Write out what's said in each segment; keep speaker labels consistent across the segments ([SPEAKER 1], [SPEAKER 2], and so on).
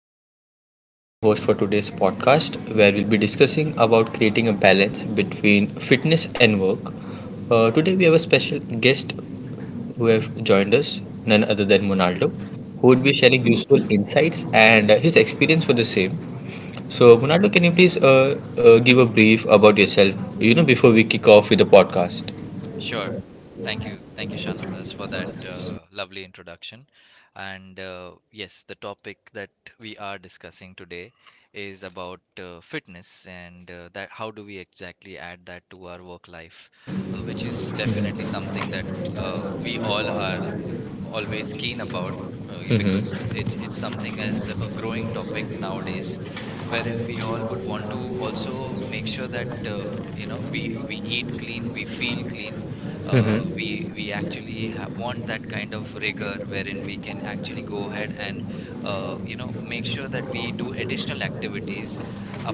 [SPEAKER 1] this is Shanawaz, your host for today's podcast, where we'll be discussing about creating a balance between fitness and work. Today we have a special guest who have joined us, none other than Monaldo, who would be sharing useful insights and his experience for the same. So, Monaldo, can you please give a brief about yourself? Before we kick off with the podcast.
[SPEAKER 2] Sure. Thank you. Thank you, Shanavas, for that lovely introduction. And yes, the topic that we are discussing today is about fitness and that how do we exactly add that to our work life, which is definitely something that we all are always keen about, because
[SPEAKER 1] Mm-hmm.
[SPEAKER 2] it's something as a growing topic nowadays wherein we all would want to also make sure that we eat clean, we feel clean. We
[SPEAKER 1] Mm-hmm.
[SPEAKER 2] we actually ha want that kind of rigor wherein we can actually go ahead and make sure that we do additional activities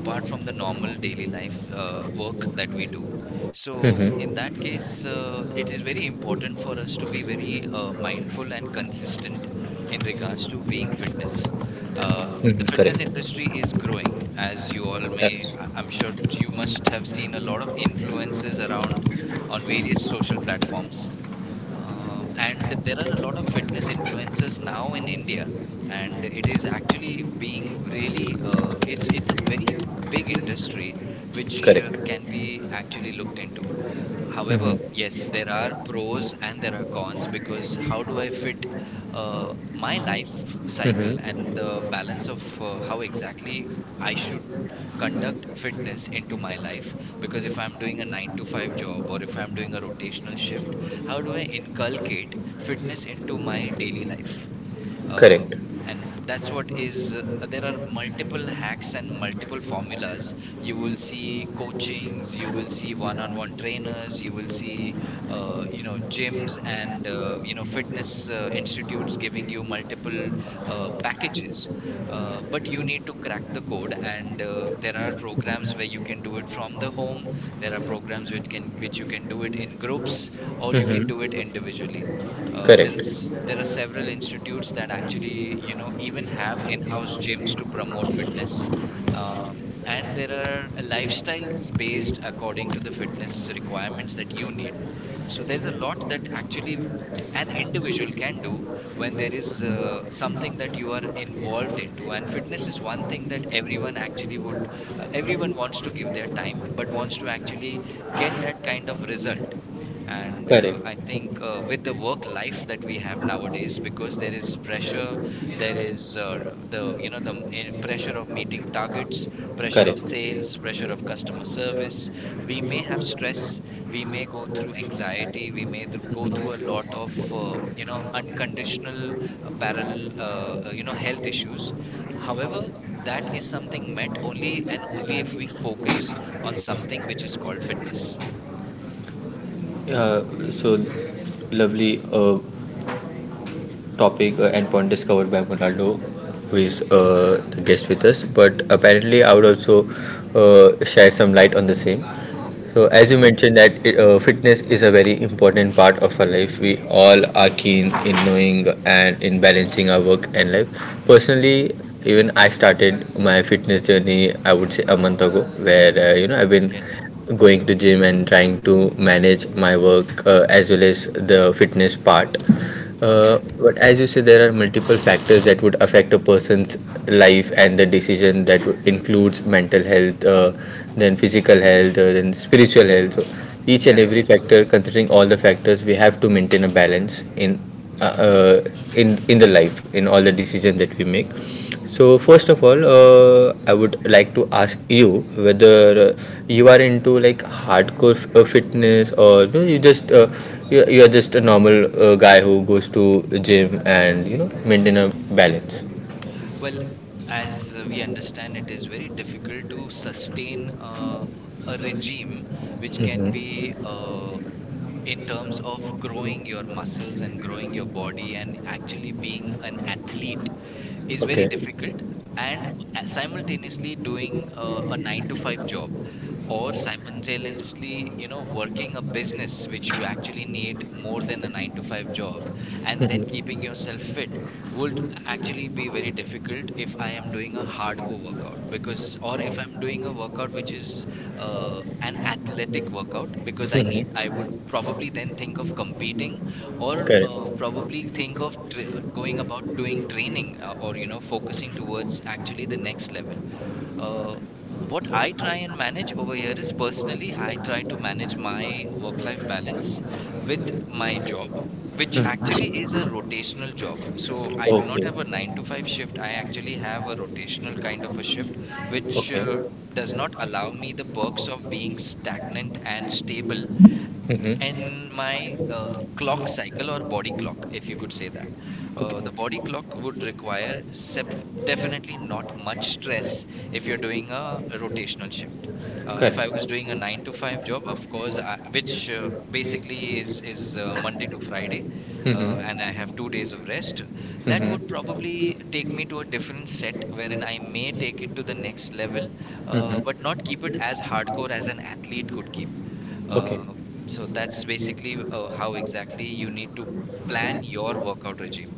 [SPEAKER 2] apart from the normal daily life work that we do. So
[SPEAKER 1] Mm-hmm.
[SPEAKER 2] in that case, it is very important for us to be very mindful and consistent in regards to being fitness. Uh, the
[SPEAKER 1] Mm-hmm.
[SPEAKER 2] fitness
[SPEAKER 1] Correct.
[SPEAKER 2] industry is growing. As you all may
[SPEAKER 1] Yes.
[SPEAKER 2] I'm sure you must have seen a lot of influences around on various social platforms, and there are a lot of fitness influences now in India, and it is actually being really it's a very big industry which
[SPEAKER 1] Correct.
[SPEAKER 2] can be actually looked into. However,
[SPEAKER 1] Mm-hmm.
[SPEAKER 2] yes, there are pros and there are cons. Because how do I fit my life cycle
[SPEAKER 1] Mm-hmm.
[SPEAKER 2] and the balance of how exactly I should conduct fitness into my life? Because if I'm doing a nine to five job or if I'm doing a rotational shift, how do I inculcate fitness into my daily life? Uh,
[SPEAKER 1] Correct.
[SPEAKER 2] and that's what is, there are multiple hacks and multiple formulas. You will see coachings, you will see one-on-one trainers, you will see gyms and fitness institutes giving you multiple packages. But you need to crack the code. And there are programs where you can do it from the home, there are programs which can which you can do it in groups, or you can
[SPEAKER 1] Mhm.
[SPEAKER 2] do it individually.
[SPEAKER 1] Correct.
[SPEAKER 2] There are several institutes that actually, you know, even have in-house gyms to promote fitness. And there are lifestyles based according to the fitness requirements that you need. So there's a lot that actually an individual can do when there is something that you are involved into. And fitness is one thing that everyone actually would, everyone wants to give their time but wants to actually get that kind of result. And I think, with the work life that we have nowadays, because there is pressure, there is the you know the m- eh, pressure of meeting targets, pressure of
[SPEAKER 1] Correct. Correct.
[SPEAKER 2] sales, pressure of customer service, we may have stress, we may go through anxiety, we may go through a lot of unconditional parallel health issues. However, that is something met only and only if we focus on something which is called fitness.
[SPEAKER 1] Yeah, so lovely. Topic and point discovered by Ronaldo, who is the guest with us. But apparently, I would also share some light on the same. So, as you
[SPEAKER 2] Uh-huh.
[SPEAKER 1] mentioned, that fitness is a very important part of our life. We all are keen in knowing and in balancing our work and life. Personally, even I started my fitness journey, I would say a month ago, where I've been
[SPEAKER 2] Okay.
[SPEAKER 1] going to gym and trying to manage my work as well as the fitness part,
[SPEAKER 2] Okay.
[SPEAKER 1] but as you say, there are multiple factors that would affect a person's life and the decision includes mental health, then physical health, then spiritual health. So each and every
[SPEAKER 2] Correct.
[SPEAKER 1] factor, considering all the factors, we have to maintain a balance in the life in all the decisions that we make. So first of all, I would like to ask you whether uh, you are into like hardcore fitness, or you're just a normal guy who goes to the gym and you know maintain a balance.
[SPEAKER 2] Well, as we understand, it is very difficult to sustain a regime which can
[SPEAKER 1] Mhm.
[SPEAKER 2] be, in terms of growing your muscles and growing your body and actually being an athlete, is very
[SPEAKER 1] Okay.
[SPEAKER 2] difficult. And simultaneously doing a 9 to 5 job, or simultaneously, you know, working a business which you actually need more than a 9 to 5 job, and then
[SPEAKER 1] Mhm.
[SPEAKER 2] keeping yourself fit would actually be very difficult if I am doing a hardcore workout. Because, or if I'm doing a workout which is an athletic workout, because I need,
[SPEAKER 1] Mhm.
[SPEAKER 2] I would probably then think of competing, or
[SPEAKER 1] Correct.
[SPEAKER 2] probably think of going about doing training, or, you know, focusing towards actually the next level. uh, what I try and manage over here is personally I try to manage my work life balance with my job, which
[SPEAKER 1] Mm.
[SPEAKER 2] actually is a rotational job. So I do not
[SPEAKER 1] Okay.
[SPEAKER 2] have a 9 to 5 shift, I actually have a rotational kind of a shift, which
[SPEAKER 1] Okay.
[SPEAKER 2] does not allow me the perks of being stagnant and stable.
[SPEAKER 1] Mm-hmm.
[SPEAKER 2] And my, clock cycle or body clock, if you could say that,
[SPEAKER 1] Okay.
[SPEAKER 2] the body clock would require definitely not much stress if you're doing a rotational shift. If
[SPEAKER 1] Correct.
[SPEAKER 2] I was doing a 9 to 5 job, of course I, which basically is, monday to friday, and I
[SPEAKER 1] Mm-hmm.
[SPEAKER 2] have 2 days of rest, that would
[SPEAKER 1] Mm-hmm.
[SPEAKER 2] probably take me to a different set wherein I may take it to the next level,
[SPEAKER 1] Mm-hmm.
[SPEAKER 2] but not keep it as hardcore as an athlete could keep. uh, so that's basically how exactly you need to plan
[SPEAKER 1] Okay.
[SPEAKER 2] your workout regime.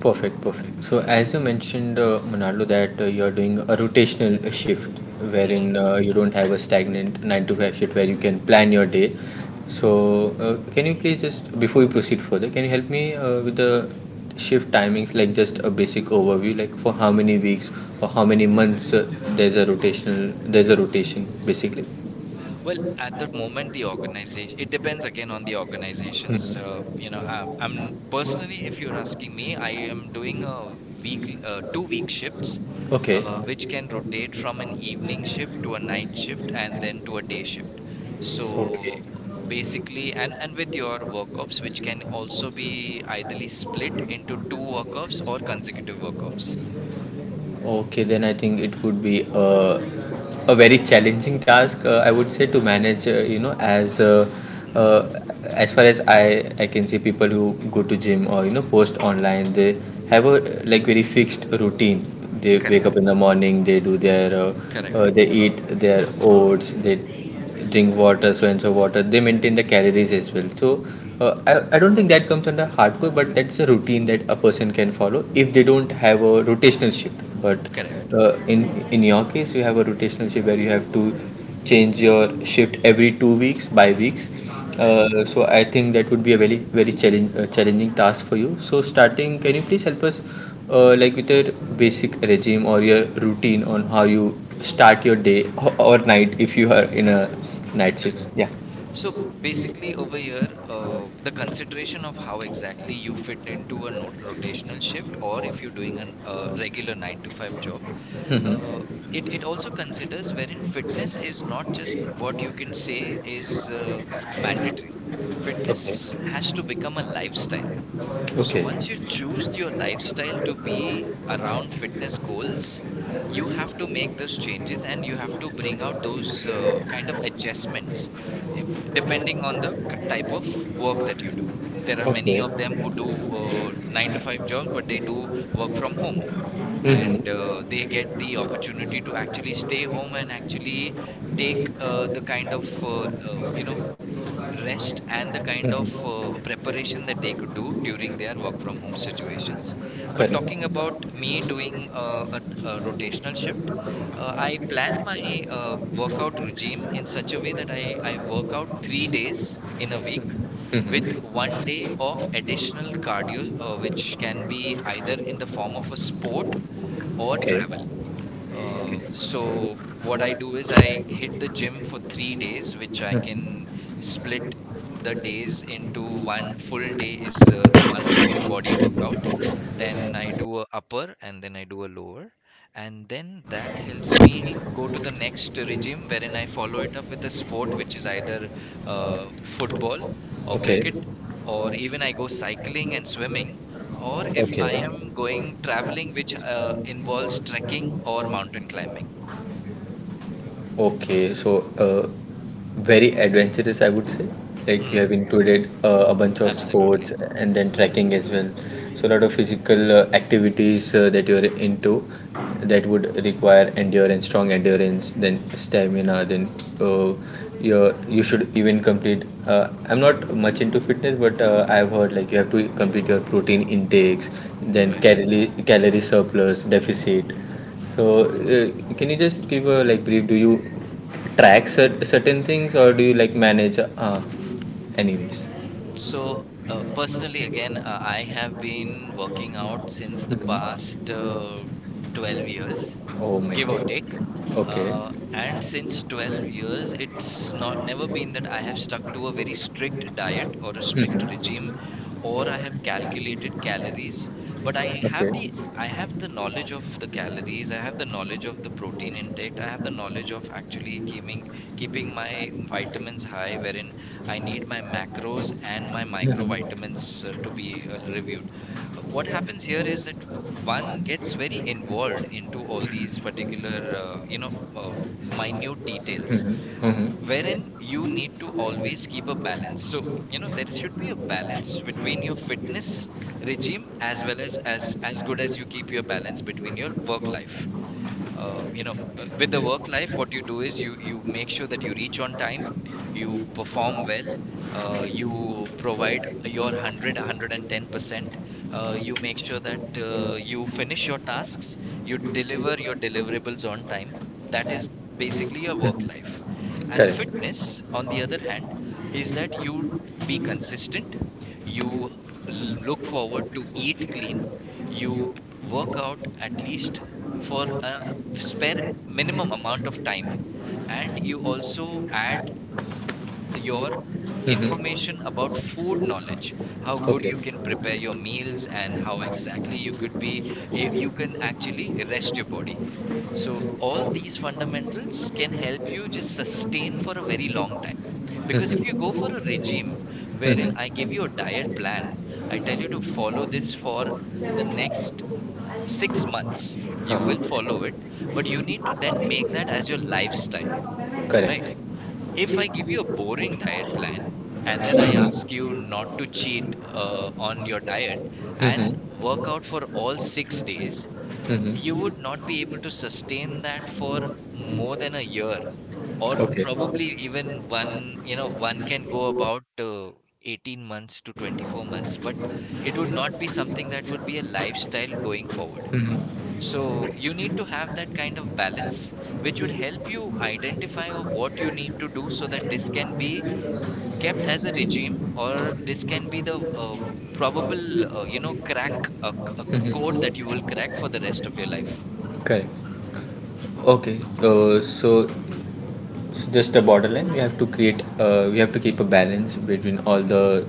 [SPEAKER 1] Perfect, perfect. So, as you mentioned, Monaldo, that you're doing a rotational shift wherein
[SPEAKER 2] Mhm.
[SPEAKER 1] you don't have a stagnant 9 to 5 shift where you can plan your day. So, can you please just, before you proceed further, can you help me with the shift timings, like just a basic overview, like for how many weeks or how many months there's a rotational, there's a rotation basically?
[SPEAKER 2] Well, at the moment, the organization, it depends again on the organization's, I'm
[SPEAKER 1] Mhm.
[SPEAKER 2] personally, if you're asking me, I am doing a weekly, 2 week shifts,
[SPEAKER 1] Okay.
[SPEAKER 2] which can rotate from an evening shift to a night shift and then to a day shift. So basically, and with your work offs, which can also be ideally split into two work offs or
[SPEAKER 1] Okay.
[SPEAKER 2] consecutive work offs.
[SPEAKER 1] Okay, then I think it would be a very challenging task, I would say, to manage.
[SPEAKER 2] Hmm.
[SPEAKER 1] Uh, as far as I can see, people who go to gym or you know post online, they have a like very fixed routine. They wake
[SPEAKER 2] Correct.
[SPEAKER 1] up in the morning,
[SPEAKER 2] Correct.
[SPEAKER 1] they eat their oats, they drink water, so and so water. They maintain the calories as well. So, I don't think that comes under hardcore, but that's a routine that a person can follow if they don't have a rotational shift. But
[SPEAKER 2] Correct.
[SPEAKER 1] uh, in in your case, you have a rotational shift where you have to change your shift every 2 weeks, by weeks.
[SPEAKER 2] Right.
[SPEAKER 1] So I think that would be a very very challenging task for you. So starting, can you please help us, like with your basic regime or your routine on how you start your day or, night if you are in a night
[SPEAKER 2] Right.
[SPEAKER 1] shift? Yeah.
[SPEAKER 2] So basically, over here, the consideration of how exactly you fit into a not rotational shift, or if you're doing an a regular nine to five job, uh,
[SPEAKER 1] Mm-hmm.
[SPEAKER 2] it also considers wherein fitness is not just what you can say is mandatory.
[SPEAKER 1] Okay.
[SPEAKER 2] Fitness has to become a lifestyle. So
[SPEAKER 1] Okay.
[SPEAKER 2] once you choose your lifestyle to be around fitness goals, you have to make those changes and you have to bring out those kind of adjustments, if, depending on the type of work that you do. There are many
[SPEAKER 1] Okay.
[SPEAKER 2] of them who do nine to five jobs, but they do work from home, and
[SPEAKER 1] Mm-hmm.
[SPEAKER 2] they get the opportunity to actually stay home and actually take the kind of rest, and the kind of
[SPEAKER 1] Mm-hmm.
[SPEAKER 2] preparation that they could do during their work from home situations. But
[SPEAKER 1] Correct.
[SPEAKER 2] talking about me doing a rotational shift, I plan my workout regime in such a way that I work out 3 days in a week, with
[SPEAKER 1] Mm-hmm.
[SPEAKER 2] one day of additional cardio, which can be either in the form of a sport or
[SPEAKER 1] Okay.
[SPEAKER 2] travel.
[SPEAKER 1] Okay. So
[SPEAKER 2] So what
[SPEAKER 1] what
[SPEAKER 2] I
[SPEAKER 1] I
[SPEAKER 2] do is
[SPEAKER 1] would
[SPEAKER 2] I
[SPEAKER 1] try to
[SPEAKER 2] hit the gym
[SPEAKER 1] differentiate
[SPEAKER 2] for three
[SPEAKER 1] between
[SPEAKER 2] days, which I
[SPEAKER 1] the
[SPEAKER 2] can
[SPEAKER 1] Mhm.
[SPEAKER 2] split
[SPEAKER 1] split
[SPEAKER 2] the
[SPEAKER 1] that is
[SPEAKER 2] days into
[SPEAKER 1] into
[SPEAKER 2] one full day is
[SPEAKER 1] multiple
[SPEAKER 2] the one full body workout. Then I do a upper and then I do a lower. And then that helps me go to the next regime wherein I follow it up with a sport, which is either football or
[SPEAKER 1] okay.
[SPEAKER 2] cricket, or even I go cycling and swimming, or if
[SPEAKER 1] Okay.
[SPEAKER 2] I am going traveling, which involves trekking or mountain climbing.
[SPEAKER 1] Okay, so very adventurous, I would say. Like you
[SPEAKER 2] Hmm,
[SPEAKER 1] have included a bunch of sports
[SPEAKER 2] absolutely.
[SPEAKER 1] and then trekking as well. So a lot of physical activities that you're into that would require endurance, strong endurance, then stamina, then uh, you should even complete. I'm not much into fitness, but I've heard
[SPEAKER 2] Hmm,
[SPEAKER 1] like you have to complete your protein intakes, then
[SPEAKER 2] right.
[SPEAKER 1] calorie surplus deficit. So, can you just give a like brief? Do you track certain things, or do you like manage? Anyways.
[SPEAKER 2] So, personally, again, I have been working out since the past
[SPEAKER 1] Mm-hmm.
[SPEAKER 2] 12 years,
[SPEAKER 1] Oh my
[SPEAKER 2] give or
[SPEAKER 1] god.
[SPEAKER 2] take.
[SPEAKER 1] Okay.
[SPEAKER 2] And since 12 years, it's not never been that I have stuck to a very strict diet or a strict
[SPEAKER 1] Mhm.
[SPEAKER 2] regime, or I have calculated calories. But I have the, I have the knowledge of the calories, I have the knowledge of the protein intake, I have the knowledge of actually keeping my vitamins high, wherein I need my macros and
[SPEAKER 1] Okay.
[SPEAKER 2] my
[SPEAKER 1] เลือกกนด้วย
[SPEAKER 2] microvitamins to be reviewed. What happens here is that one gets very involved into all these particular uh, minute details,
[SPEAKER 1] อืม อ
[SPEAKER 2] wherein you need to always keep a balance. So, you know, there should be a balance between your fitness regime, as well as, as good as you keep your balance between your work life. With the work life, what you do is you, you make sure that you reach on time, you perform well, you
[SPEAKER 1] ご視聴ありが
[SPEAKER 2] provide
[SPEAKER 1] とうご
[SPEAKER 2] your 100 percent, you make sure that you finish your tasks, you deliver your deliverables on time. That is basically your
[SPEAKER 1] ざ
[SPEAKER 2] work life.
[SPEAKER 1] い
[SPEAKER 2] And fitness, on the other hand, is that you be consistent, you l- look forward to eat clean, you work out at least for a spare minimum amount of time, and you also
[SPEAKER 1] ました
[SPEAKER 2] add your
[SPEAKER 1] うんうん。
[SPEAKER 2] information about food knowledge, how
[SPEAKER 1] オッ
[SPEAKER 2] good
[SPEAKER 1] ケ
[SPEAKER 2] you can prepare
[SPEAKER 1] ー。
[SPEAKER 2] your meals, and how exactly you could be, you can actually rest your body. So all these fundamentals can help you just sustain for a very long time.
[SPEAKER 1] うんう
[SPEAKER 2] Because if you go for
[SPEAKER 1] ん。
[SPEAKER 2] a regime
[SPEAKER 1] うんう
[SPEAKER 2] wherein
[SPEAKER 1] ん。
[SPEAKER 2] I give you a diet plan, I tell you to follow this for the next 6 months, you
[SPEAKER 1] は
[SPEAKER 2] will follow it. But
[SPEAKER 1] あ。
[SPEAKER 2] you need to then make that as your lifestyle. Right?
[SPEAKER 1] Correct.
[SPEAKER 2] If I give you a boring diet plan, and then I ask you not to cheat on your diet, and
[SPEAKER 1] Mm-hmm.
[SPEAKER 2] work out for all 6 days, you
[SPEAKER 1] Mm-hmm.
[SPEAKER 2] would not be able to sustain that for more than a year, or
[SPEAKER 1] Okay.
[SPEAKER 2] probably even one, one can go about 18 months to 24 months, but it would not be something that would be a lifestyle going forward.
[SPEAKER 1] Mm-hmm. Mm-hmm.
[SPEAKER 2] So you need to have that kind of balance, which would help you identify of what you need to do so that this can be kept as a regime, or this can be the probable, crack a code that you will crack for the rest of your life.
[SPEAKER 1] Correct. Okay, so it's just a borderline. We have to create. We have to keep a balance between all the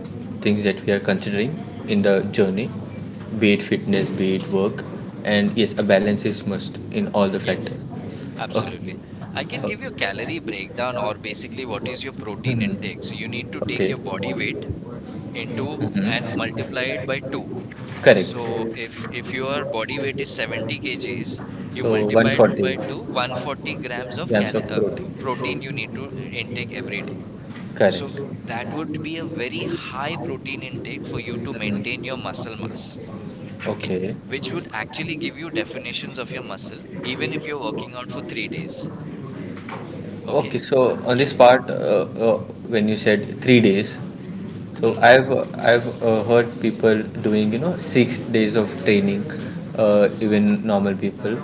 [SPEAKER 1] things that we are considering in the journey, be it fitness, be it work, and yes, a balance is must in all the
[SPEAKER 2] Yes,
[SPEAKER 1] factors. Okay.
[SPEAKER 2] absolutely. I can give you a calorie breakdown, or basically what is your protein
[SPEAKER 1] Mhm.
[SPEAKER 2] intake. So you need to take
[SPEAKER 1] Okay.
[SPEAKER 2] your body weight into and
[SPEAKER 1] Mhm.
[SPEAKER 2] multiply it by two.
[SPEAKER 1] Correct.
[SPEAKER 2] So if your body weight is 70 kgs, you
[SPEAKER 1] So
[SPEAKER 2] multiply it by
[SPEAKER 1] 140
[SPEAKER 2] 2, 140 grams of
[SPEAKER 1] grams
[SPEAKER 2] cal
[SPEAKER 1] of
[SPEAKER 2] protein you
[SPEAKER 1] protein.
[SPEAKER 2] need to intake every day.
[SPEAKER 1] Correct.
[SPEAKER 2] So that
[SPEAKER 1] Mm.
[SPEAKER 2] would be a very high protein intake for you to maintain your muscle mass, okay?
[SPEAKER 1] Okay.
[SPEAKER 2] Which would actually give you definitions of your muscle, even if you're working out for three days,
[SPEAKER 1] Okay,
[SPEAKER 2] okay?
[SPEAKER 1] so on
[SPEAKER 2] Yeah.
[SPEAKER 1] this part, when you said 3 days, so
[SPEAKER 2] Hmm.
[SPEAKER 1] I've heard people doing you know 6 days of training, even normal people.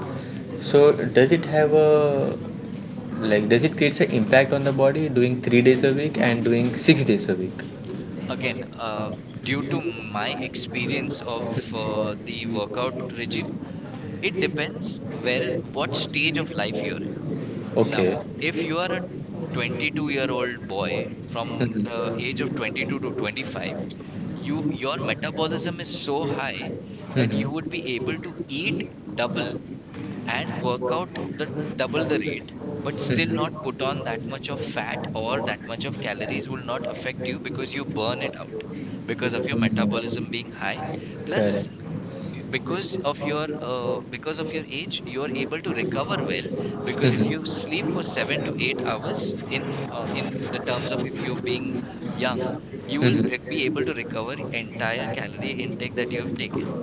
[SPEAKER 1] So does it have a like does it create an impact on the body doing 3 days a week and doing 6 days a week?
[SPEAKER 2] Again, due to my experience of the workout regime, it depends where what stage of life you're in. Now,
[SPEAKER 1] Okay.
[SPEAKER 2] if you are a 22-year-old boy, from the age of 22 to 25, your metabolism is so
[SPEAKER 1] Eat,
[SPEAKER 2] high that you would
[SPEAKER 1] Hmm.
[SPEAKER 2] be able to eat double and
[SPEAKER 1] and
[SPEAKER 2] work
[SPEAKER 1] work
[SPEAKER 2] out the
[SPEAKER 1] out,
[SPEAKER 2] double
[SPEAKER 1] double.
[SPEAKER 2] the rate, but still not put on that much of fat, or that much of calories will not affect you because you burn it out because of your metabolism being high. Plus,
[SPEAKER 1] Correct.
[SPEAKER 2] because of your age, you are able to recover well, because if
[SPEAKER 1] Mhm.
[SPEAKER 2] you sleep for 7 to 8 hours in the terms of if you're being young, you will
[SPEAKER 1] Mhm.
[SPEAKER 2] be able to recover entire calorie intake that you've taken.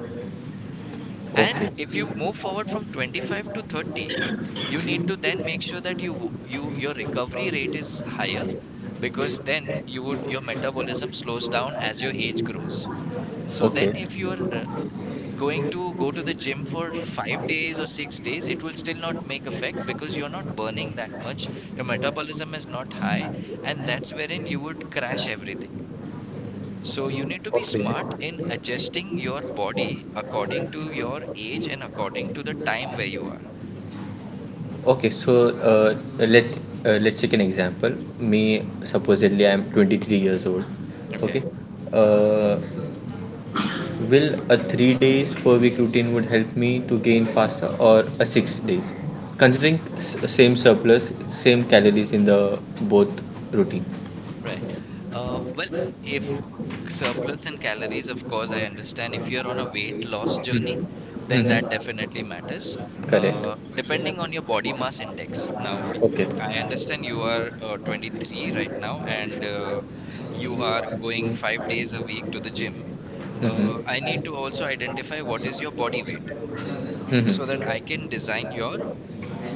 [SPEAKER 2] And if you move forward from 25 to 30, you need to then make sure that your recovery rate is higher, because then you would, your metabolism slows down as your age grows. So then
[SPEAKER 1] Okay.
[SPEAKER 2] if you are going to go to the gym for 5 days or 6 days, it will still not make effect because you're not burning that much, your metabolism is not high, and that's wherein
[SPEAKER 1] Okay.
[SPEAKER 2] you would crash everything. So you need to be
[SPEAKER 1] Okay.
[SPEAKER 2] smart in adjusting your body according to your age and according to the time where you are.
[SPEAKER 1] Okay, so let's take an example. Me, supposedly, I'm 23 years old. Okay,
[SPEAKER 2] Okay.
[SPEAKER 1] uh, will a 3 days per week routine would help me to gain faster, or a 6 days, considering same surplus, same calories in the both routine?
[SPEAKER 2] Right. Well, if surplus in calories, of course, I understand. If you're on a weight loss journey, then that
[SPEAKER 1] Mm-hmm.
[SPEAKER 2] definitely matters.
[SPEAKER 1] Correct.
[SPEAKER 2] Depending on your body mass index. Now,
[SPEAKER 1] Okay.
[SPEAKER 2] I understand you are 23 right now, and you are going five days a week to the gym. I
[SPEAKER 1] Mm-hmm.
[SPEAKER 2] need to also identify what is your body weight, so that
[SPEAKER 1] Mm-hmm.
[SPEAKER 2] I can design your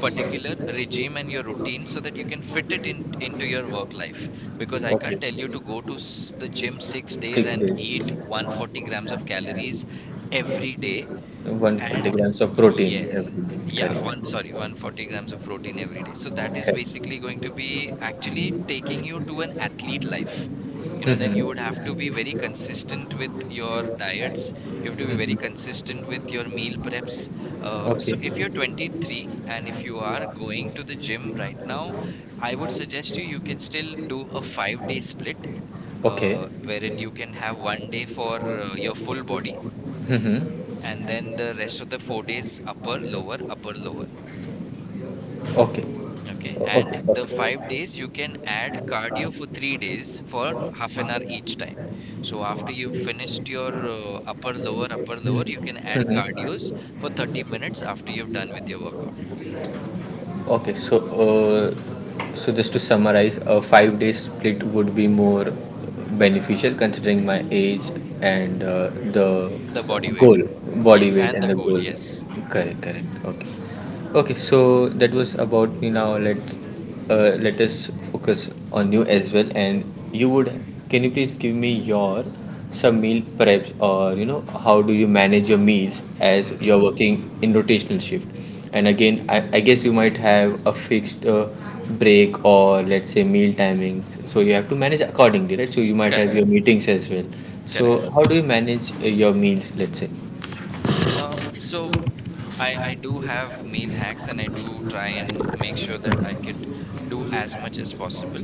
[SPEAKER 2] particular regime and your routine so that you can fit it in, into your work life. Because I
[SPEAKER 1] Oh,
[SPEAKER 2] can't tell you to go to the gym 6 days
[SPEAKER 1] Six
[SPEAKER 2] and
[SPEAKER 1] days.
[SPEAKER 2] eat 140 grams of calories every day.
[SPEAKER 1] 140
[SPEAKER 2] And
[SPEAKER 1] grams of protein
[SPEAKER 2] yes,
[SPEAKER 1] every day.
[SPEAKER 2] yeah,
[SPEAKER 1] Correct.
[SPEAKER 2] one, sorry, 140 grams of protein every day. So that is
[SPEAKER 1] Kan.
[SPEAKER 2] basically going to be actually taking you to an athlete life. Then
[SPEAKER 1] Mmhmm.
[SPEAKER 2] you would
[SPEAKER 1] Mm.
[SPEAKER 2] have to be very consistent with your diets, you have to be very consistent with your meal preps. So
[SPEAKER 1] Okay.
[SPEAKER 2] if you're 23 and if you are going to the gym right now, I would suggest you can still do a five-day split,
[SPEAKER 1] Okay.
[SPEAKER 2] wherein you can have one day for your full body,
[SPEAKER 1] Mmhmm.
[SPEAKER 2] and then the rest of the four days upper lower upper lower.
[SPEAKER 1] Okay.
[SPEAKER 2] Okay,
[SPEAKER 1] o~
[SPEAKER 2] and
[SPEAKER 1] Okay.
[SPEAKER 2] the five days you can add cardio for three days for
[SPEAKER 1] Okay.
[SPEAKER 2] half an hour each time. So after you've finished your upper lower upper lower, you can add
[SPEAKER 1] Mm-hmm.
[SPEAKER 2] cardios for 30 minutes after you've done with your workout.
[SPEAKER 1] Okay, so just to summarize, a 5 day split would be more beneficial considering my age and
[SPEAKER 2] The body weight.
[SPEAKER 1] goal, body
[SPEAKER 2] Yes,
[SPEAKER 1] weight
[SPEAKER 2] and
[SPEAKER 1] and
[SPEAKER 2] the
[SPEAKER 1] the
[SPEAKER 2] goal,
[SPEAKER 1] goal.
[SPEAKER 2] yes.
[SPEAKER 1] Correct, correct. Okay, okay. So that was about me. Now let us focus on you as well. And you would can you please give me your some meal preps or you know how do you manage your meals as
[SPEAKER 2] Hmm.
[SPEAKER 1] you're working in rotational shift. And again, I guess you might have a fixed break or let's say meal timings, so you have to manage accordingly, right? So you might have
[SPEAKER 2] Correct,
[SPEAKER 1] your meetings as well.
[SPEAKER 2] correct.
[SPEAKER 1] So how do you manage your meals, let's say.
[SPEAKER 2] So I do have meal hacks, and I do try and make sure that I
[SPEAKER 1] Mm-hmm.
[SPEAKER 2] could do as much as possible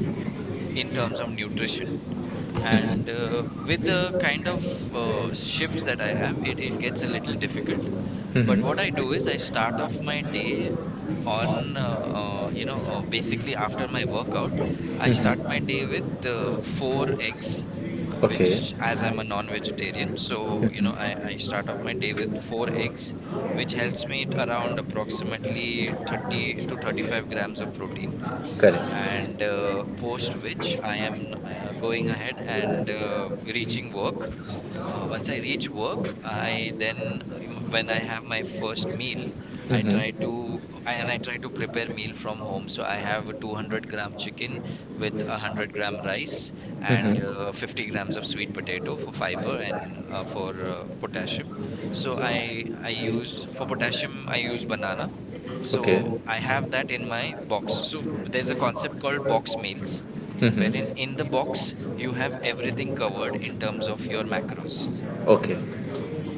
[SPEAKER 2] in terms of nutrition. And with the kind of shifts that I have, it gets a little difficult.
[SPEAKER 1] Mm-hmm.
[SPEAKER 2] But what I
[SPEAKER 1] Mm-hmm.
[SPEAKER 2] do is, I start off my day on basically after my workout, I start my day with four eggs,
[SPEAKER 1] Okay.
[SPEAKER 2] which, as I'm a non-vegetarian, so I,
[SPEAKER 1] Mm-hmm.
[SPEAKER 2] I start off my day with four eggs, which helps me around approximately 30 to 35 grams of protein.
[SPEAKER 1] Correct.
[SPEAKER 2] And post which I am going ahead and reaching work. Once I reach work, I then when I have my first meal, I try
[SPEAKER 1] Mm-hmm.
[SPEAKER 2] to I- and I try to prepare meal from home. So I have a 200-gram chicken with 100-gram rice and
[SPEAKER 1] Mm-hmm.
[SPEAKER 2] 50 grams of sweet potato for fiber and for potassium. So I use for potassium I use banana.
[SPEAKER 1] Okay.
[SPEAKER 2] So I have that in my box. So there's a concept called box meals, wherein in the
[SPEAKER 1] Mm-hmm.
[SPEAKER 2] box you have everything covered in terms of your macros.
[SPEAKER 1] Okay.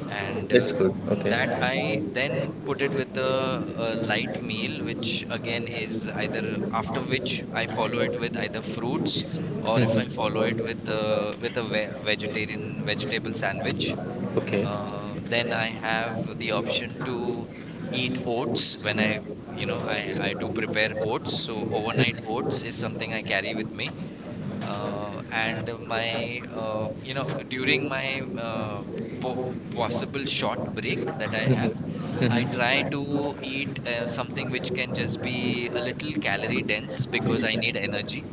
[SPEAKER 2] And
[SPEAKER 1] That's good.
[SPEAKER 2] that I then put it with a light meal, which again is either, after which I
[SPEAKER 1] Okay.
[SPEAKER 2] follow it with either fruits, or if I follow it
[SPEAKER 1] Mhm.
[SPEAKER 2] with with a vegetarian vegetable sandwich.
[SPEAKER 1] Okay.
[SPEAKER 2] Then I have the option to eat oats when I do prepare oats. So overnight oats is something I carry with me. Uh, and my you know during my po Possible short break that I
[SPEAKER 1] Hmm.
[SPEAKER 2] have,
[SPEAKER 1] Hmm.
[SPEAKER 2] I try
[SPEAKER 1] Hmm.
[SPEAKER 2] to eat something which can just be a little calorie dense because I need energy.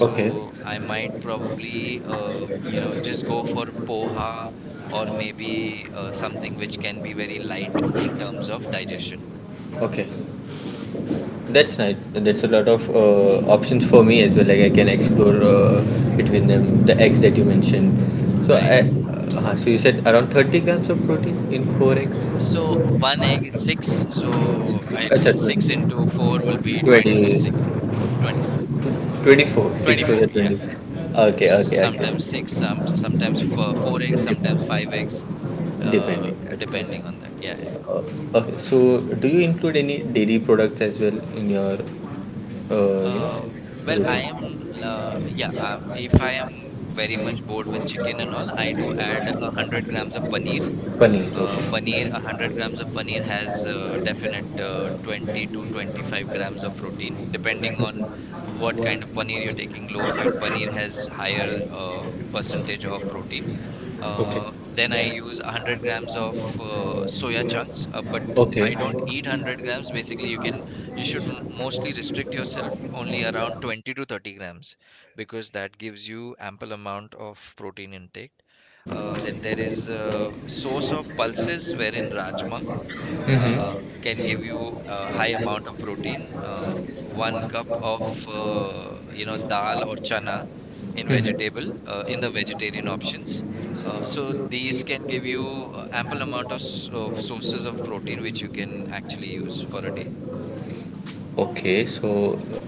[SPEAKER 1] Okay.
[SPEAKER 2] I might probably just go for poha, or maybe something which can be very light in terms of digestion.
[SPEAKER 1] Okay. That's nice. That's a lot of options for me as well. Like I can explore between them. The eggs that you mentioned. So
[SPEAKER 2] Right.
[SPEAKER 1] I, so you said around 30 grams of protein in four eggs.
[SPEAKER 2] So one egg is six. So I
[SPEAKER 1] अच्छा
[SPEAKER 2] don't, six into four will be
[SPEAKER 1] 20
[SPEAKER 2] 26, 20,
[SPEAKER 1] 20 24 6 for the
[SPEAKER 2] 24, yeah.
[SPEAKER 1] 20.
[SPEAKER 2] Yeah,
[SPEAKER 1] Okay.
[SPEAKER 2] so
[SPEAKER 1] Okay. Okay.
[SPEAKER 2] sometimes six, some sometimes four, four eggs, sometimes five
[SPEAKER 1] depending
[SPEAKER 2] eggs. uh
[SPEAKER 1] depending Okay.
[SPEAKER 2] Depending on that, yeah.
[SPEAKER 1] uh, Okay, so do you include any dairy products as well in your uh,
[SPEAKER 2] Yeah.
[SPEAKER 1] you know,
[SPEAKER 2] I
[SPEAKER 1] routine?
[SPEAKER 2] am if I am very much bored with chicken and all, I do add 100 grams of paneer.
[SPEAKER 1] Paneer,
[SPEAKER 2] Paneer,
[SPEAKER 1] okay.
[SPEAKER 2] 100 grams of paneer has definite 20 to 25 grams of protein, depending on what kind of paneer you're taking. Low fat paneer has higher percentage of protein.
[SPEAKER 1] Okay.
[SPEAKER 2] Then I use 100 grams of soya chunks, but
[SPEAKER 1] Okay.
[SPEAKER 2] I don't eat 100 grams. Basically, you should mostly restrict yourself only around 20 to 30 grams, because that gives you ample amount of protein intake. Then there is source of pulses, wherein rajma can give you a high amount of protein. One cup of dal or chana in
[SPEAKER 1] Mm-hmm.
[SPEAKER 2] vegetable
[SPEAKER 1] Mm-hmm.
[SPEAKER 2] in the vegetarian options. So these can give you ample amount of, of sources of protein which you can actually use for a day.
[SPEAKER 1] Okay, so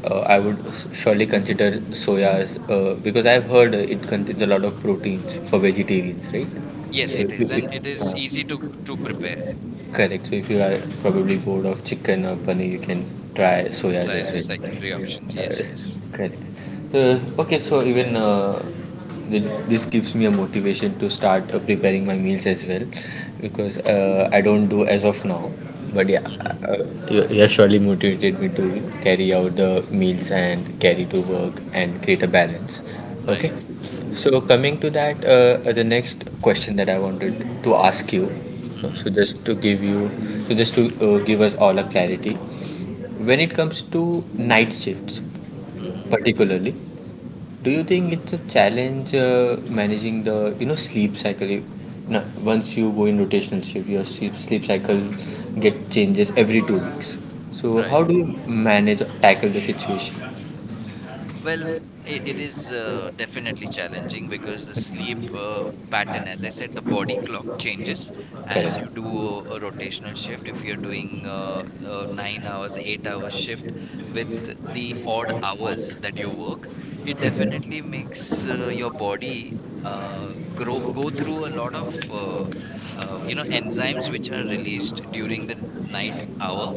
[SPEAKER 1] I would surely consider soya as because I've heard it contains a lot of proteins for vegetarians, right? So
[SPEAKER 2] Yes,
[SPEAKER 1] yes,
[SPEAKER 2] it
[SPEAKER 1] if you,
[SPEAKER 2] is, and it
[SPEAKER 1] if,
[SPEAKER 2] is easy to
[SPEAKER 1] something
[SPEAKER 2] prepare.
[SPEAKER 1] Correct. So if you are probably bored of chicken or paneer, you can try soyas
[SPEAKER 2] Try
[SPEAKER 1] as well.
[SPEAKER 2] secondary options. Yes, yes.
[SPEAKER 1] Correct. Okay, so even this gives me a motivation to start preparing my meals as well, because I don't do as of now. But yeah,
[SPEAKER 2] Mm-hmm.
[SPEAKER 1] you have surely motivated me to carry out the meals and carry to work and create a balance. Okay.
[SPEAKER 2] Right. Right.
[SPEAKER 1] So coming to that, the next question that I wanted to ask you,
[SPEAKER 2] Mm-hmm.
[SPEAKER 1] so just to give you so just to give us all a clarity, when it comes to night shifts
[SPEAKER 2] Mm-hmm.
[SPEAKER 1] particularly, do you think it's a challenge managing the you know sleep cycle? No, once you go in rotational shift your sleep cycle get changes every 2 weeks, so how
[SPEAKER 2] Right.
[SPEAKER 1] do you manage or tackle the situation?
[SPEAKER 2] Well, it is definitely challenging, because the sleep pattern, as I said, the body clock changes as
[SPEAKER 1] Correct.
[SPEAKER 2] you do a
[SPEAKER 1] Hmm.
[SPEAKER 2] rotational shift. If you're doing a 9 hours, 8 hours shift with the odd hours that you work, it definitely makes your body grow go through a lot of you know enzymes which are released during the night hour,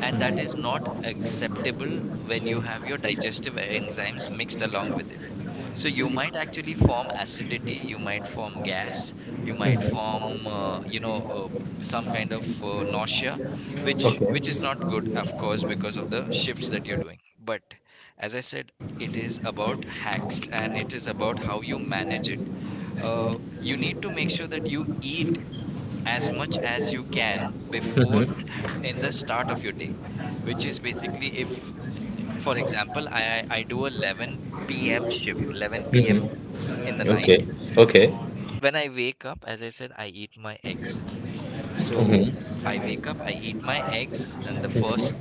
[SPEAKER 2] and that is not acceptable when you have your digestive enzymes mixed along with it. So you might actually form acidity, you might form gas, you might form some kind of nausea, which
[SPEAKER 1] Okay.
[SPEAKER 2] is not good, of course, because of the shifts that you're doing. But as I said, it is about hacks, and it is about how you manage it. You need to make sure that you eat as much as you can before,
[SPEAKER 1] Mm-hmm.
[SPEAKER 2] in the start of your day, which is basically, if, for example, I do a 11 p.m. shift, 11 p.m.
[SPEAKER 1] Mm-hmm.
[SPEAKER 2] In the night.
[SPEAKER 1] Okay. Okay.
[SPEAKER 2] When I wake up, as I said, I eat my eggs. So
[SPEAKER 1] Mm-hmm.
[SPEAKER 2] I wake up, I eat my eggs, and the first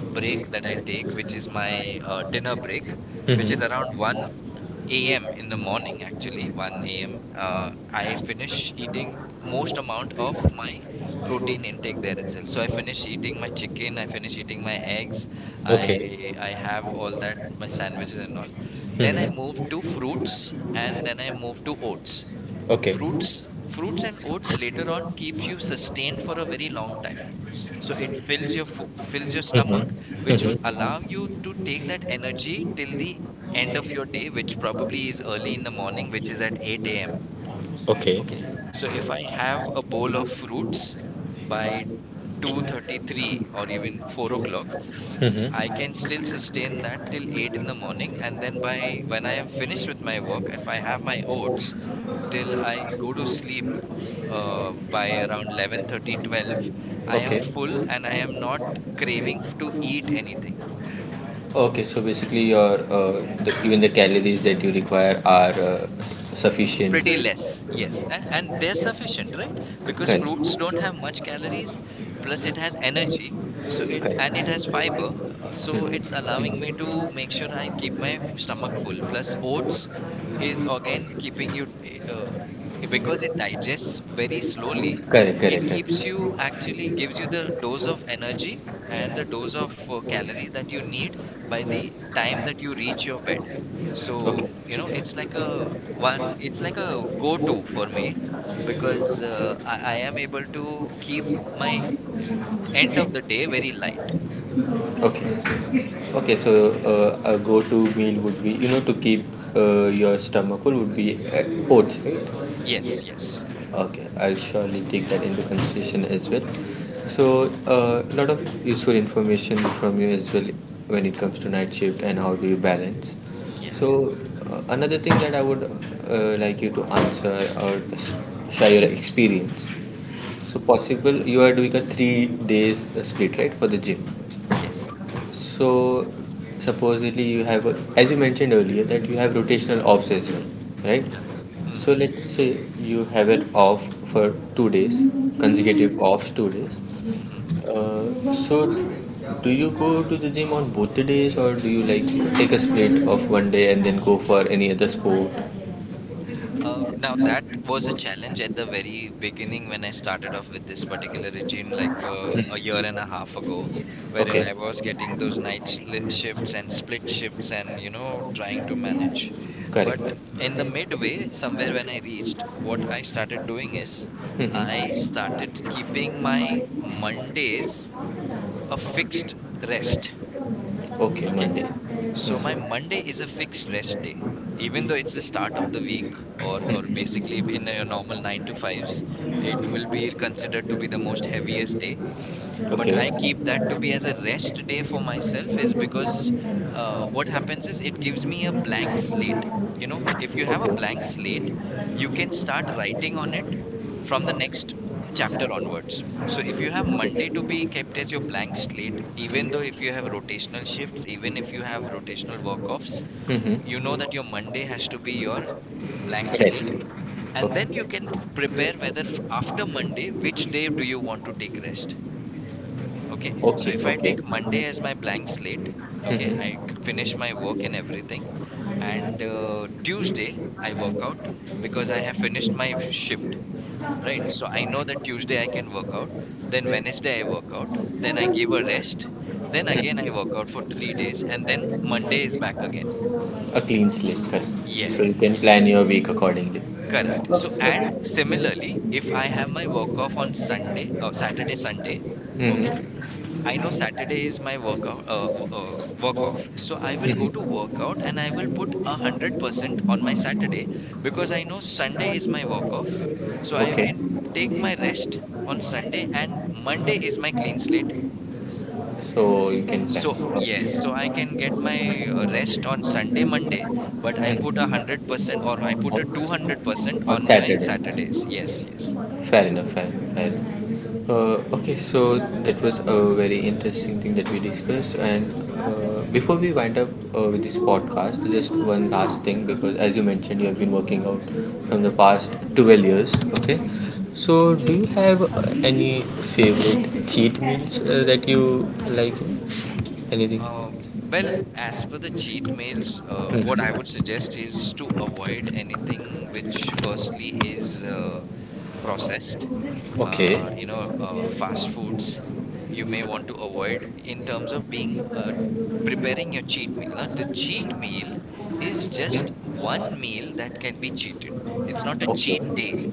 [SPEAKER 2] break that I take, which is my dinner break, which is
[SPEAKER 1] Mm-hmm.
[SPEAKER 2] around 1 a.m. in the morning, actually, 1 a.m. I finish eating most amount of my protein intake there itself. So I finish eating my chicken, I finish eating my eggs,
[SPEAKER 1] Okay.
[SPEAKER 2] I have all that, my sandwiches and all. Then I
[SPEAKER 1] Hmm.
[SPEAKER 2] move to fruits, and then I move to oats.
[SPEAKER 1] Okay.
[SPEAKER 2] Fruits, fruits and oats later on keeps you sustained for a very long time, so it fills your
[SPEAKER 1] Mm-hmm.
[SPEAKER 2] stomach, which will
[SPEAKER 1] Mm-hmm.
[SPEAKER 2] allow you to take that energy till the end of your day, which probably is early in the morning, which is at 8 a.m.
[SPEAKER 1] Okay.
[SPEAKER 2] Okay, so if I have a bowl of fruits by 2:33 or even 4 o'clock, I can still sustain that
[SPEAKER 1] Mm-hmm.
[SPEAKER 2] till 8 in the morning. And then, by when I am finished with my work, if I have my oats till I go to sleep, by around 11:30, 12, I am
[SPEAKER 1] Okay.
[SPEAKER 2] full and I am not craving to eat anything.
[SPEAKER 1] Okay, so basically your even the calories that you require are sufficient.
[SPEAKER 2] Pretty less, yes. And they're sufficient, right? Because
[SPEAKER 1] Correct.
[SPEAKER 2] fruits don't have much calories,
[SPEAKER 1] 1 1 1 2 2 3 4 4 4 5 5 5 5 5 5
[SPEAKER 2] plus it has
[SPEAKER 1] 5 5 5 5
[SPEAKER 2] energy. So it, and it has fiber, so it's allowing me to make sure I keep my stomach full. Plus, oats is again keeping you eh, uh, because it digests very slowly, it keeps you, actually gives you the dose of energy and the dose of calorie that you need by the time that you reach your bed. So, you know, it's like a go to for me, because
[SPEAKER 1] 5
[SPEAKER 2] I am able to keep my
[SPEAKER 1] 5
[SPEAKER 2] end
[SPEAKER 1] 5
[SPEAKER 2] of the day very light.
[SPEAKER 1] Okay. Okay, so a go-to meal would be to keep your stomach full would be oats, right?
[SPEAKER 2] Yes,
[SPEAKER 1] Yes.
[SPEAKER 2] yes.
[SPEAKER 1] Okay, I'll surely take that into consideration as well. So, a lot of useful information from you as well when it comes to night shift and how do you balance.
[SPEAKER 2] Yeah.
[SPEAKER 1] So, another thing that I would like you to answer or s- share your experience.
[SPEAKER 2] Hmm.
[SPEAKER 1] So, possible you are doing a 3 days split, right, for the gym.
[SPEAKER 2] Yes.
[SPEAKER 1] So, supposedly you have, as you mentioned earlier, that you have rotational offs as well, right?
[SPEAKER 2] Correct.
[SPEAKER 1] So
[SPEAKER 2] Hmm.
[SPEAKER 1] let's say you have an off for 2 days,
[SPEAKER 2] Hmm.
[SPEAKER 1] consecutive offs 2 days. So do you go to the gym on both the days, or do you like take a split of 1 day and then go for any other sport?
[SPEAKER 2] Now, that was a challenge at the very beginning when I started off with this particular regime, like a year and a half ago, wherein
[SPEAKER 1] Okay.
[SPEAKER 2] I was getting those night sli shifts and split shifts, and, you know, trying to manage.
[SPEAKER 1] Correct.
[SPEAKER 2] But
[SPEAKER 1] निलीब
[SPEAKER 2] in
[SPEAKER 1] है
[SPEAKER 2] the midway,
[SPEAKER 1] करां
[SPEAKER 2] somewhere when I reached, what I started doing is
[SPEAKER 1] गया
[SPEAKER 2] I started
[SPEAKER 1] करDavis क
[SPEAKER 2] keeping my Mondays a fixed rest.
[SPEAKER 1] क्व क करTM
[SPEAKER 2] Okay,
[SPEAKER 1] वह
[SPEAKER 2] so my Monday is a fixed rest day, even though it's the start of the week, or
[SPEAKER 1] लग
[SPEAKER 2] or basically in a normal nine to fives, it will be considered to be the most heaviest day, but I keep that to be as a rest day for myself is because what happens is, it gives me a blank slate. You know, if you have a
[SPEAKER 1] Contain
[SPEAKER 2] blank
[SPEAKER 1] सð
[SPEAKER 2] slate, you can start writing on it from the
[SPEAKER 1] faithful.
[SPEAKER 2] next chapter onwards. So if you have Monday to be kept as your blank slate, even though if you have rotational shifts, even if you have rotational work offs, you know
[SPEAKER 1] Mm-hmm.
[SPEAKER 2] that your Monday has to be your blank
[SPEAKER 1] Yes.
[SPEAKER 2] slate.
[SPEAKER 1] See.
[SPEAKER 2] And then you
[SPEAKER 1] Okay.
[SPEAKER 2] can prepare whether, after Monday, which day do you want to take rest. Okay, so
[SPEAKER 1] Okay,
[SPEAKER 2] if I
[SPEAKER 1] okay.
[SPEAKER 2] take Monday as my blank slate, okay, I finish my work and everything, and Tuesday I work out because I have finished my shift, right? So I know that Tuesday I can work out, then Wednesday I work out, then I give a rest, then again
[SPEAKER 1] Mm-hmm.
[SPEAKER 2] I work out for 3 days, and then Monday is back again.
[SPEAKER 1] A clean slate, correct. So you
[SPEAKER 2] Yes,
[SPEAKER 1] can plan
[SPEAKER 2] yes,
[SPEAKER 1] your week accordingly.
[SPEAKER 2] correct. So, and similarly,
[SPEAKER 1] Mm-hmm.
[SPEAKER 2] if I have my work off on Sunday or Saturday, Sunday, okay. I know Saturday is my workout, work off. So I will go to
[SPEAKER 1] Mm-hmm.
[SPEAKER 2] workout and I will put 100% on my Saturday because I know Sunday is my work off. So I
[SPEAKER 1] Okay.
[SPEAKER 2] can take my rest on Sunday, and Monday is my clean slate.
[SPEAKER 1] So you can plan.
[SPEAKER 2] So yes, so I
[SPEAKER 1] Okay.
[SPEAKER 2] can get my rest on Sunday, Monday, but I put a
[SPEAKER 1] Mhm.
[SPEAKER 2] hundred percent or I put a two hundred
[SPEAKER 1] On,
[SPEAKER 2] percent
[SPEAKER 1] on
[SPEAKER 2] on my
[SPEAKER 1] Saturday.
[SPEAKER 2] Saturdays. Yes, yes.
[SPEAKER 1] Fair enough, fair, enough, fair enough. Okay, so that was a very interesting thing that we discussed. And before we wind up with this podcast, just one last thing because, as you mentioned, you have been working out from the past 12 years. Okay,
[SPEAKER 2] Mhm.
[SPEAKER 1] so do you have any favorite cheat meals that you like? Anything?
[SPEAKER 2] Uh, well, as per the cheat meals, what I would
[SPEAKER 1] Mhm.
[SPEAKER 2] suggest is to avoid anything which, firstly, is processed.
[SPEAKER 1] Okay.
[SPEAKER 2] You know, fast foods you may want to avoid in terms of being, preparing your cheat meal. Now, the cheat meal is just
[SPEAKER 1] Hmm?
[SPEAKER 2] one meal that can be cheated. It's not a cheat day.
[SPEAKER 1] Okay.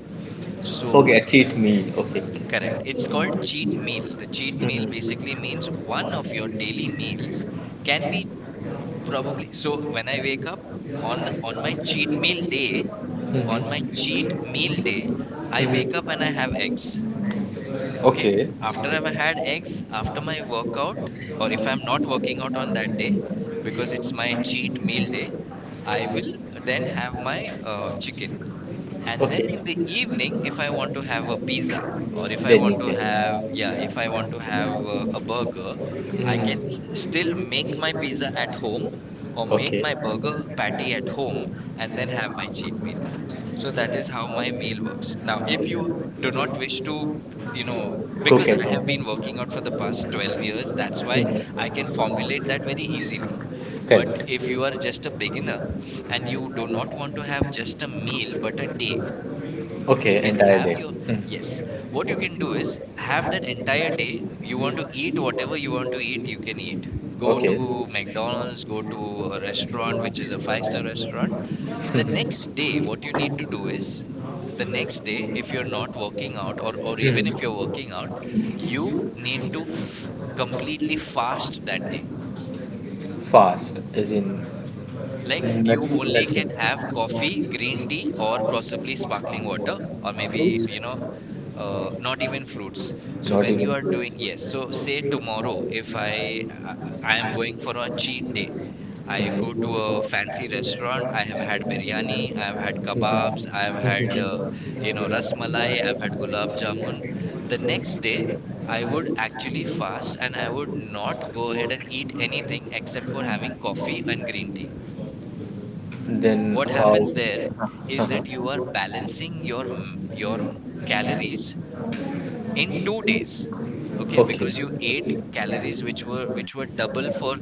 [SPEAKER 1] Okay,
[SPEAKER 2] So,
[SPEAKER 1] a cheat meal. Okay, okay.
[SPEAKER 2] correct. It's called cheat meal. The cheat meal basically
[SPEAKER 1] Mhm.
[SPEAKER 2] means one of your daily meals can be, probably. So when I wake up on my cheat meal day, on my
[SPEAKER 1] Mhm.
[SPEAKER 2] cheat meal day, I wake up
[SPEAKER 1] Mhm.
[SPEAKER 2] and I have eggs. Okay.
[SPEAKER 1] Okay.
[SPEAKER 2] After I've had eggs, after my workout, or if I'm not working out on that day, because it's my cheat meal day, I will then have my chicken, and
[SPEAKER 1] Okay.
[SPEAKER 2] then in the evening, if I want to have a pizza, or if I
[SPEAKER 1] Then
[SPEAKER 2] want
[SPEAKER 1] you
[SPEAKER 2] to
[SPEAKER 1] can.
[SPEAKER 2] have, yeah, if I want to have a burger, I can s-
[SPEAKER 1] Mm.
[SPEAKER 2] still make my pizza at home or make
[SPEAKER 1] Okay.
[SPEAKER 2] my burger patty at home and then have my cheat meal. So that is how my meal works. Now, if you do not wish to, you know,
[SPEAKER 1] Cook
[SPEAKER 2] because
[SPEAKER 1] at
[SPEAKER 2] I have been
[SPEAKER 1] home.
[SPEAKER 2] working out for the past 12 years, that's why I
[SPEAKER 1] Mhm.
[SPEAKER 2] can formulate that very easily. But
[SPEAKER 1] Felt.
[SPEAKER 2] if you are just a beginner and you do not want to have just a meal but a day, you
[SPEAKER 1] Okay,
[SPEAKER 2] can
[SPEAKER 1] entire
[SPEAKER 2] have
[SPEAKER 1] day.
[SPEAKER 2] your,
[SPEAKER 1] Mm.
[SPEAKER 2] yes, what you can do is, have that entire day, you want to eat whatever you want to eat, you can eat. Go
[SPEAKER 1] Okay.
[SPEAKER 2] to McDonald's, go to a restaurant which is a five-star restaurant. The next day, what you need to do is, the next day, if you're not working out, or
[SPEAKER 1] Mhm.
[SPEAKER 2] even if
[SPEAKER 1] Mm.
[SPEAKER 2] you're working out, you need to f- completely fast that day.
[SPEAKER 1] Fast, as in
[SPEAKER 2] Like, you
[SPEAKER 1] no-
[SPEAKER 2] only
[SPEAKER 1] nothing.
[SPEAKER 2] can have coffee, green tea, or possibly sparkling water, or maybe,
[SPEAKER 1] Fruits?
[SPEAKER 2] you know, not even fruits. So
[SPEAKER 1] Not
[SPEAKER 2] when
[SPEAKER 1] even.
[SPEAKER 2] you are doing, yes, so say tomorrow, if I I am going for a cheat day, I
[SPEAKER 1] Right.
[SPEAKER 2] go to a fancy restaurant. I have had biryani, I have had kebabs, I have had, you know, rasmalai, I've had gulab jamun. The next day, I would actually fast and I would not go ahead and eat anything except for having coffee and green tea.
[SPEAKER 1] Then
[SPEAKER 2] What happens
[SPEAKER 1] how?
[SPEAKER 2] there is that you are balancing your your m- calories
[SPEAKER 1] uh
[SPEAKER 2] in 2 days. Okay,
[SPEAKER 1] Okay.
[SPEAKER 2] because you ate calories which were double for,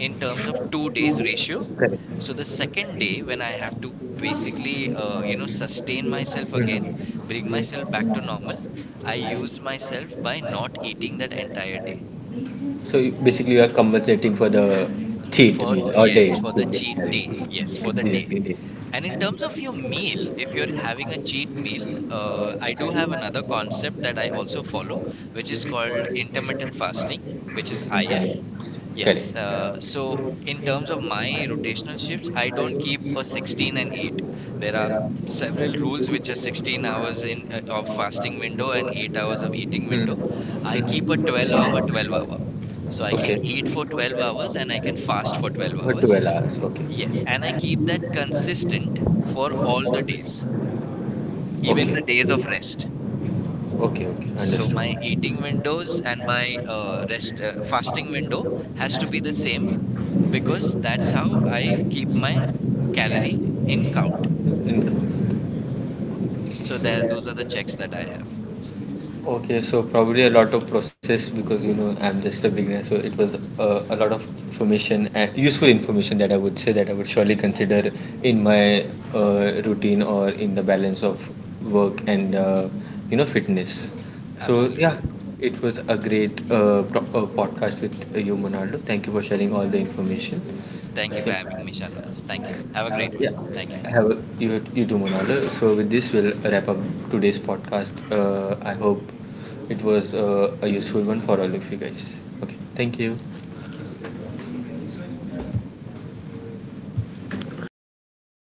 [SPEAKER 2] in terms of 2 days ratio.
[SPEAKER 1] Correct.
[SPEAKER 2] So the second day, when I have to basically, you know, sustain myself again, bring
[SPEAKER 1] Mhm.
[SPEAKER 2] myself back to normal, I use myself by not eating that entire day.
[SPEAKER 1] So you, basically, you are compensating for the cheat
[SPEAKER 2] For,
[SPEAKER 1] meal or day
[SPEAKER 2] yes, for the
[SPEAKER 1] cheat day,
[SPEAKER 2] cheat
[SPEAKER 1] sorry.
[SPEAKER 2] day. Yes, for the day.
[SPEAKER 1] Cheat day.
[SPEAKER 2] And in
[SPEAKER 1] I
[SPEAKER 2] terms of your meal, if you're having a cheat meal,
[SPEAKER 1] do
[SPEAKER 2] I do
[SPEAKER 1] have
[SPEAKER 2] have another
[SPEAKER 1] another
[SPEAKER 2] concept that
[SPEAKER 1] concept that
[SPEAKER 2] I
[SPEAKER 1] I
[SPEAKER 2] also
[SPEAKER 1] work
[SPEAKER 2] follow,
[SPEAKER 1] for,
[SPEAKER 2] which is
[SPEAKER 1] which is
[SPEAKER 2] called
[SPEAKER 1] called
[SPEAKER 2] intermittent
[SPEAKER 1] intermittent
[SPEAKER 2] fasting,
[SPEAKER 1] fasting,
[SPEAKER 2] which
[SPEAKER 1] which
[SPEAKER 2] is,
[SPEAKER 1] is intermittent diet
[SPEAKER 2] if
[SPEAKER 1] fasting.
[SPEAKER 2] yes.
[SPEAKER 1] Correct. Yeah,
[SPEAKER 2] So
[SPEAKER 1] so
[SPEAKER 2] in
[SPEAKER 1] in
[SPEAKER 2] terms of
[SPEAKER 1] terms of my
[SPEAKER 2] my rotational shifts,
[SPEAKER 1] routine,
[SPEAKER 2] I
[SPEAKER 1] I
[SPEAKER 2] don't
[SPEAKER 1] don't
[SPEAKER 2] keep
[SPEAKER 1] eat
[SPEAKER 2] a
[SPEAKER 1] for
[SPEAKER 2] 16 and
[SPEAKER 1] sixteen
[SPEAKER 2] 8.
[SPEAKER 1] hours.
[SPEAKER 2] There are
[SPEAKER 1] There are
[SPEAKER 2] several
[SPEAKER 1] several
[SPEAKER 2] rules
[SPEAKER 1] rules
[SPEAKER 2] which are
[SPEAKER 1] which are
[SPEAKER 2] 16
[SPEAKER 1] sixteen
[SPEAKER 2] hours
[SPEAKER 1] hours
[SPEAKER 2] in,
[SPEAKER 1] in
[SPEAKER 2] of
[SPEAKER 1] the
[SPEAKER 2] fasting
[SPEAKER 1] fasting
[SPEAKER 2] window,
[SPEAKER 1] window
[SPEAKER 2] and
[SPEAKER 1] and
[SPEAKER 2] 8
[SPEAKER 1] eight
[SPEAKER 2] hours of
[SPEAKER 1] hours.
[SPEAKER 2] eating
[SPEAKER 1] in the Hmm.
[SPEAKER 2] window.
[SPEAKER 1] window.
[SPEAKER 2] I
[SPEAKER 1] I
[SPEAKER 2] keep a
[SPEAKER 1] Hmm. eat at
[SPEAKER 2] 12
[SPEAKER 1] twelve
[SPEAKER 2] hour
[SPEAKER 1] hours,
[SPEAKER 2] 12
[SPEAKER 1] twelve
[SPEAKER 2] hour.
[SPEAKER 1] hours.
[SPEAKER 2] So I
[SPEAKER 1] So I
[SPEAKER 2] can
[SPEAKER 1] Okay.
[SPEAKER 2] eat
[SPEAKER 1] don't
[SPEAKER 2] for
[SPEAKER 1] eat or
[SPEAKER 2] 12
[SPEAKER 1] 12
[SPEAKER 2] hours and I can fast for 12 hours.
[SPEAKER 1] hours, okay.
[SPEAKER 2] Yes, and I keep that consistent for all the days, even the days of rest.
[SPEAKER 1] Okay, okay, okay,
[SPEAKER 2] So
[SPEAKER 1] understood.
[SPEAKER 2] my eating windows and my rest fasting window has to be the same, because that's how I keep my calorie in count. So that, those are the checks that I have.
[SPEAKER 1] Income. Okay, so probably a lot of process because you know I'm just a beginner, so it was a lot of information and useful information that I would say that I would surely consider in my routine or in the balance of work and you know fitness. So
[SPEAKER 2] Absolutely.
[SPEAKER 1] yeah, it was a great podcast with you, Monaldo. Thank you for sharing all the information.
[SPEAKER 2] Thank you for
[SPEAKER 1] Yeah,
[SPEAKER 2] having me, Shanwas. Thank you. Have a great one.
[SPEAKER 1] yeah,
[SPEAKER 2] Thank you.
[SPEAKER 1] have a, you do Monaldo. So with this, we'll wrap up today's podcast. I hope it was a useful one for all of you guys. Okay, thank you.
[SPEAKER 2] Thank you.